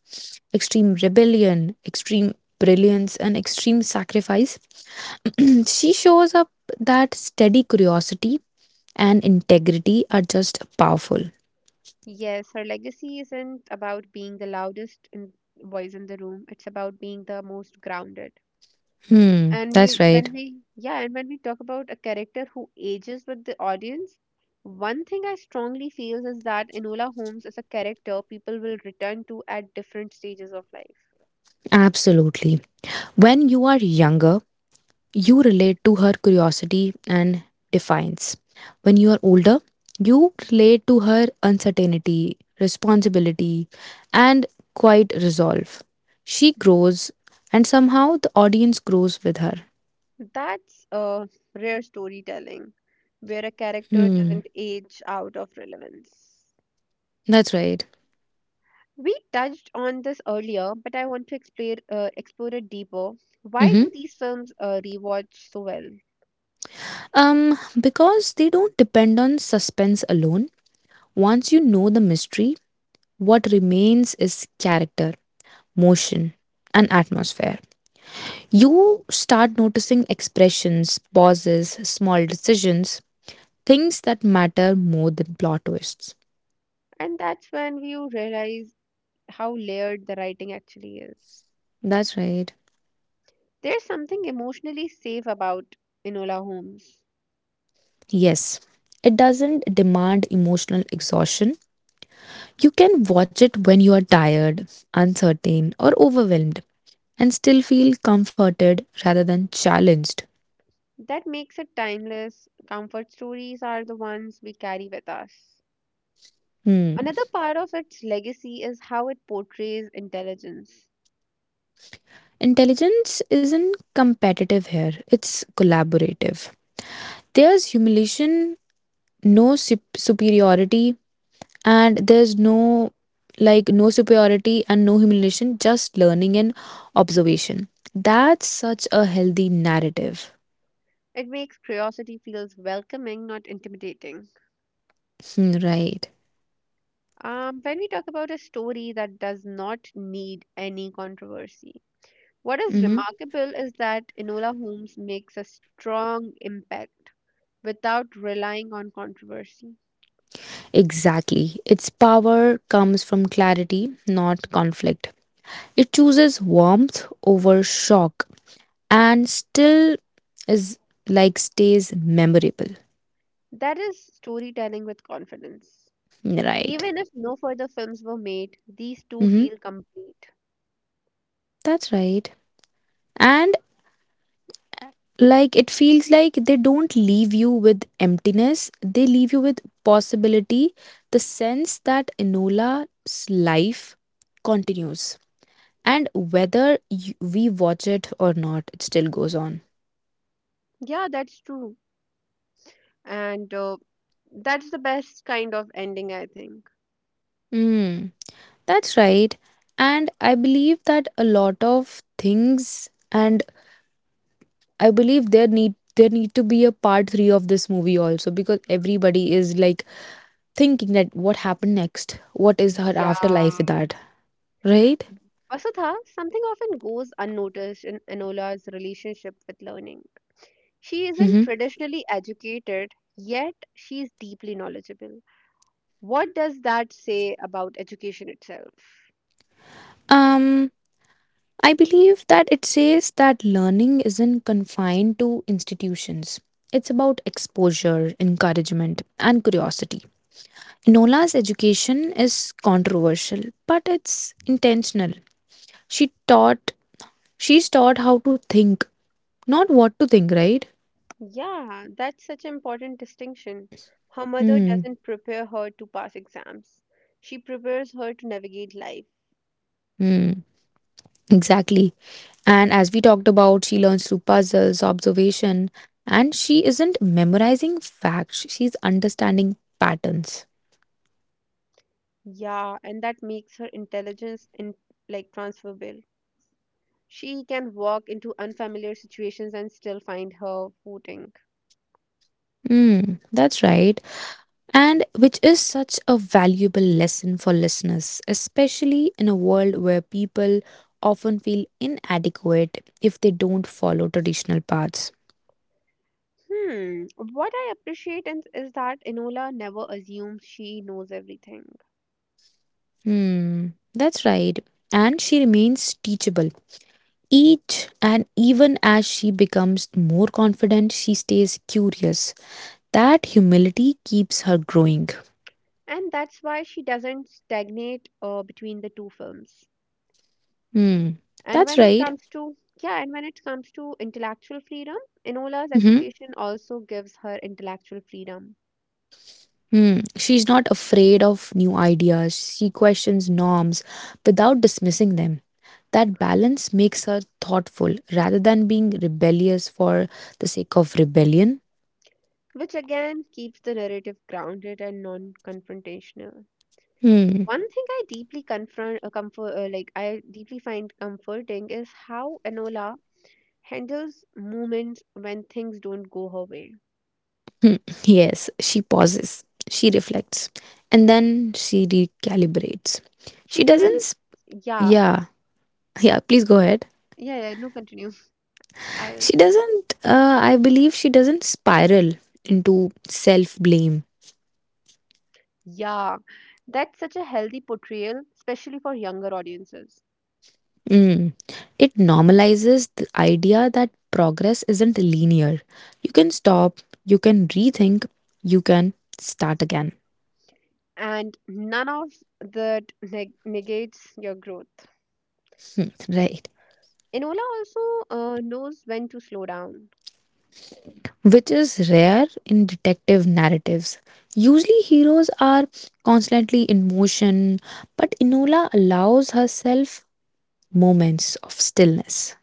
extreme rebellion, extreme brilliance, and extreme sacrifice, *clears throat* she shows up that steady curiosity and integrity are just powerful.
Yes, her legacy isn't about being the loudest in, voice in the room. It's about being the most grounded.
Hmm,
And
that's
we,
right.
when we, yeah, and when we talk about a character who ages with the audience, one thing I strongly feel is that Enola Holmes is a character people will return to at different stages of life.
Absolutely. When you are younger, you relate to her curiosity and defiance. When you are older, you relate to her uncertainty, responsibility, and quiet resolve. She grows, and somehow the audience grows with her.
That's a rare storytelling, where a character
Hmm,
doesn't age out of relevance.
that's right.
We touched on this earlier, but I want to explore, explore it deeper. Why
Hmm.
do these films rewatch so well?
Because they don't depend on suspense alone. Once you know the mystery, what remains is character, motion, and atmosphere. You start noticing expressions, pauses, small decisions, things that matter more than plot twists.
And that's when you realize how layered the writing actually is.
That's right.
There's something emotionally safe about Enola Holmes
Yes, it doesn't demand emotional exhaustion. You can watch it when you are tired, uncertain, or overwhelmed and still feel comforted rather than challenged.
that makes it timeless. Comfort stories are the ones we carry with us.
Hmm.
Another part of its legacy is how it portrays intelligence.
Intelligence isn't competitive here, it's collaborative. There's humiliation, no superiority, and there's no like no superiority and no humiliation, just learning and observation. That's such a healthy narrative.
It makes curiosity feels welcoming, not intimidating.
Hmm, right.
When we talk about a story that does not need any controversy, what is
Hmm,
remarkable is that Enola Holmes makes a strong impact without relying on controversy.
exactly, its power comes from clarity not conflict. It chooses warmth over shock and still is like stays memorable.
That is storytelling with confidence.
Hmm, right.
Even if no further films were made, these two
Hmm,
feel complete.
that's right. And like it feels like they don't leave you with emptiness, they leave you with possibility, the sense that Enola's life continues and whether you, we watch it or not, it still goes on.
Yeah, that's true. And that's the best kind of ending, I think.
Mm, that's right. And I believe that a lot of things, and I believe there need to be a part 3 of this movie also because everybody is like thinking that what happened next, what is her afterlife
Yeah.
with that, right?
Vasudha, something often goes unnoticed in Enola's relationship with learning. She isn't
Mhm.
traditionally educated, yet she is deeply knowledgeable. What does that say about education itself?
Um, I believe that it says that learning isn't confined to institutions. It's about exposure, encouragement, and curiosity. Nola's education is controversial, but it's intentional. She taught, she's taught how to think, not what to think, right?
Yeah, that's such an important distinction. Her mother
Hmm.
doesn't prepare her to pass exams. She prepares her to navigate life.
Hmm. Exactly. And as we talked about, she learns through puzzles, observation, and she isn't memorizing facts, she's understanding patterns.
Yeah, and that makes her intelligence in like transferable. She can walk into unfamiliar situations and still find her footing.
Mm, that's right. And which is such a valuable lesson for listeners, especially in a world where people often feel inadequate if they don't follow traditional paths.
Hmm, what I appreciate in, is that Enola never assumes she knows everything.
Hmm, that's right. And she remains teachable. Each and even as she becomes more confident, she stays curious. That humility keeps her growing.
And that's why she doesn't stagnate between the two films,
Hmm,
and
that's
when it
right.
comes to, yeah, and when it comes to intellectual freedom, Enola's
Mm-hmm.
education also gives her intellectual freedom,
Hmm. She's not afraid of new ideas. She questions norms without dismissing them. That balance makes her thoughtful rather than being rebellious for the sake of rebellion.
which again keeps the narrative grounded and non-confrontational.
Hmm.
One thing I deeply confront comfort like I deeply find comforting is how Enola handles moments when things don't go her way.
Hmm. Yes, she pauses. She reflects. And then she recalibrates.
She
She doesn't.
doesn't.
S-
Yeah.
Yeah. Yeah, please go ahead.
Yeah, no, continue. *laughs* I will.
She doesn't. I believe she doesn't spiral into self blame.
Yeah, that's such a healthy portrayal, especially for younger audiences.
Mm. It normalizes the idea that progress isn't linear. You can stop, you can rethink, you can start again.
And none of that negates your growth.
Hmm, right.
Enola also knows when to slow down.
Which is rare in detective narratives. Usually, heroes are constantly in motion, but Inola allows herself moments of stillness.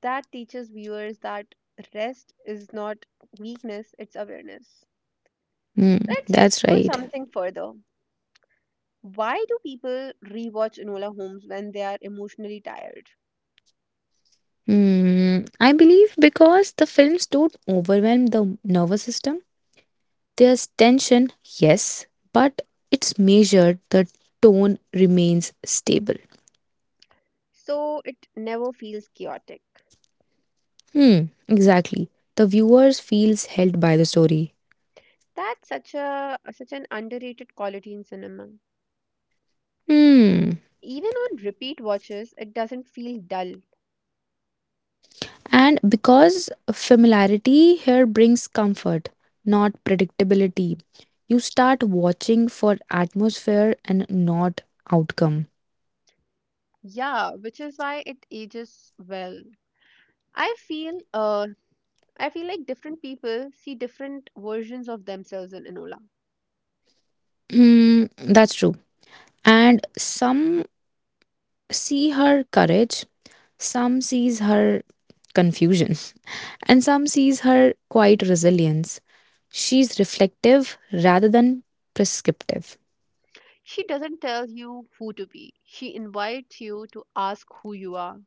That teaches viewers that rest is not weakness, it's awareness.
Hmm,
Let's
that's
explore
right.
something further. Why do people rewatch Enola Holmes when they are emotionally tired?
Hmm, I believe because the films don't overwhelm the nervous system. There's tension, yes, but it's measured, the tone remains stable.
So it never feels chaotic.
Hmm, exactly. The viewers feels held by the story.
That's such a such an underrated quality in cinema.
Hmm.
Even on repeat watches, it doesn't feel dull.
And because familiarity here brings comfort, not predictability. You start watching for atmosphere and not outcome.
Yeah, which is why it ages well. I feel uh I feel like different people see different versions of themselves in Enola.
Hmm, that's true. And some see her courage, some sees her confusion. And some sees her quiet resilience. She's reflective rather than prescriptive.
She doesn't tell you who to be. She invites you to ask who you are.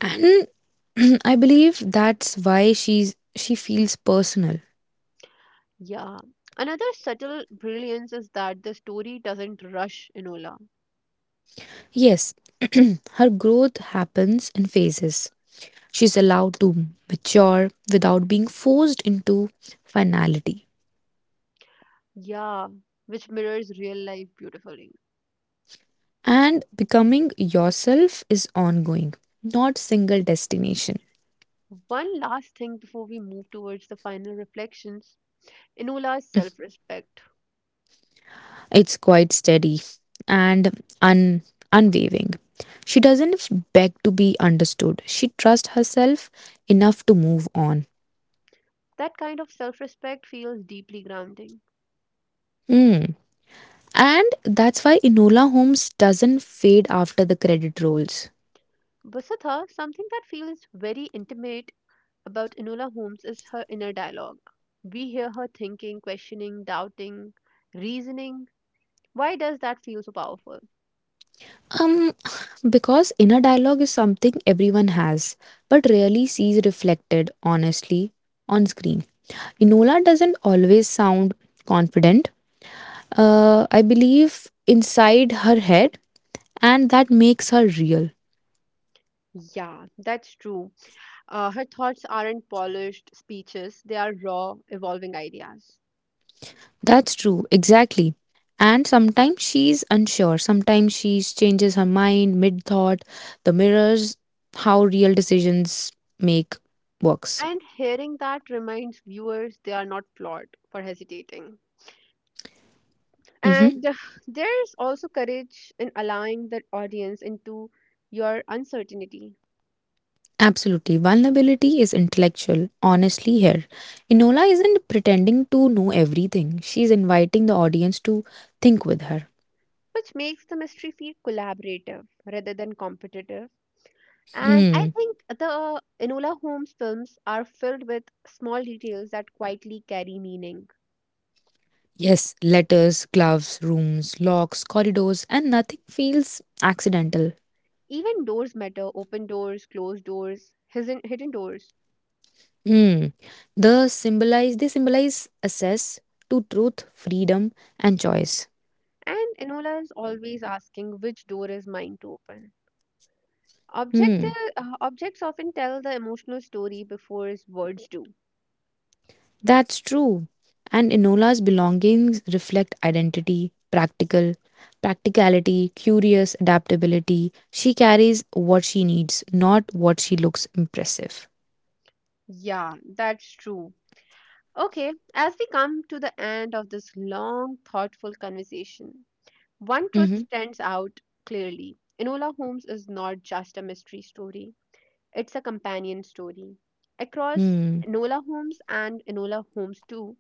And *clears throat* I believe that's why she feels personal.
Yeah. Another subtle brilliance is that the story doesn't rush Enola.
Yes, *clears throat* her growth happens in phases. She's allowed to mature without being forced into finality.
Yeah, which mirrors real life beautifully.
And becoming yourself is ongoing, not single destination.
One last thing before we move towards the final reflections. Enola's self respect.
It's quite steady and unwavering. She doesn't beg to be understood. She trusts herself enough to move on.
That kind of self respect feels deeply grounding.
Hmm. And that's why Enola Holmes doesn't fade after the credit rolls.
Vasudha, something that feels very intimate about Enola Holmes is her inner dialogue. We hear her thinking, questioning, doubting, reasoning. Why does that feel so powerful?
Um, because inner dialogue is something everyone has, but rarely sees reflected honestly on screen. Enola doesn't always sound confident. I believe inside her head, and that makes her real.
Yeah, that's true. Her thoughts aren't polished speeches, they are raw, evolving ideas.
That's true, exactly. And sometimes she's unsure, sometimes she changes her mind mid thought. The mirrors how real decisions make works.
And hearing that reminds viewers they are not flawed for hesitating.
Hmm.
And there's also courage in allowing the audience into your uncertainty,
Absolutely. Vulnerability is intellectual, honestly, here. Enola isn't pretending to know everything, she's inviting the audience to think with her.
which makes the mystery feel collaborative rather than competitive. And I
Hmm.
think the Enola Holmes films are filled with small details that quietly carry meaning.
Yes, letters, gloves, rooms, locks, corridors, and nothing feels accidental.
Even doors matter, open doors, closed doors, hidden doors.
Mm. They symbolize access to truth, freedom, and choice.
And Enola is always asking which door is mine to open. Objective,
Hmm.
Objects often tell the emotional story before his words do.
That's true. And Enola's belongings reflect identity, practicality, curious adaptability. She carries what she needs, not what she looks impressive.
Yeah, that's true. Okay, as we come to the end of this long, thoughtful conversation, one truth
Mm-hmm.
stands out clearly. Enola Holmes is not just a mystery story, it's a companion story. Across
Hmm.
Enola Holmes and Enola Holmes 2,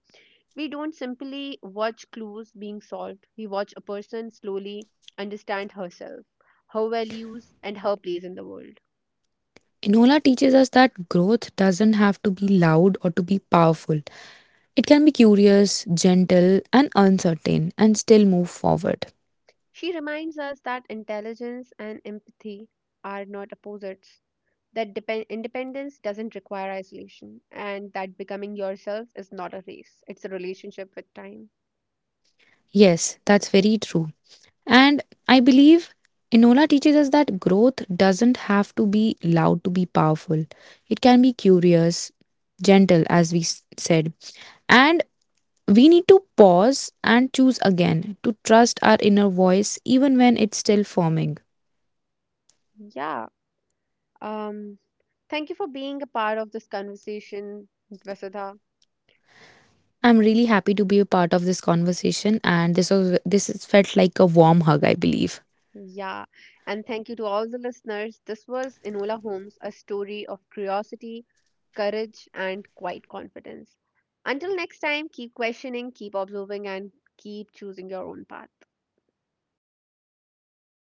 we don't simply watch clues being solved, we watch a person slowly understand herself, her values, and her place in the world.
Enola teaches us that growth doesn't have to be loud or to be powerful. It can be curious, gentle, and uncertain, and still move forward.
She reminds us that intelligence and empathy are not opposites, that independence doesn't require isolation, and that becoming yourself is not a race, it's a relationship with time.
Yes, that's very true. And I believe Enola teaches us that growth doesn't have to be loud to be powerful. It can be curious, gentle, as we said. And we need to pause and choose again to trust our inner voice even when it's still forming.
Yeah. Um, Thank you for being a part of this conversation, Vasudha.
I'm really happy to be a part of this conversation and this is felt like a warm hug, I believe.
Yeah. And thank you to all the listeners. This was Enola Holmes, a story of curiosity, courage, and quiet confidence. Until next time, keep questioning, keep observing, and keep choosing your own path.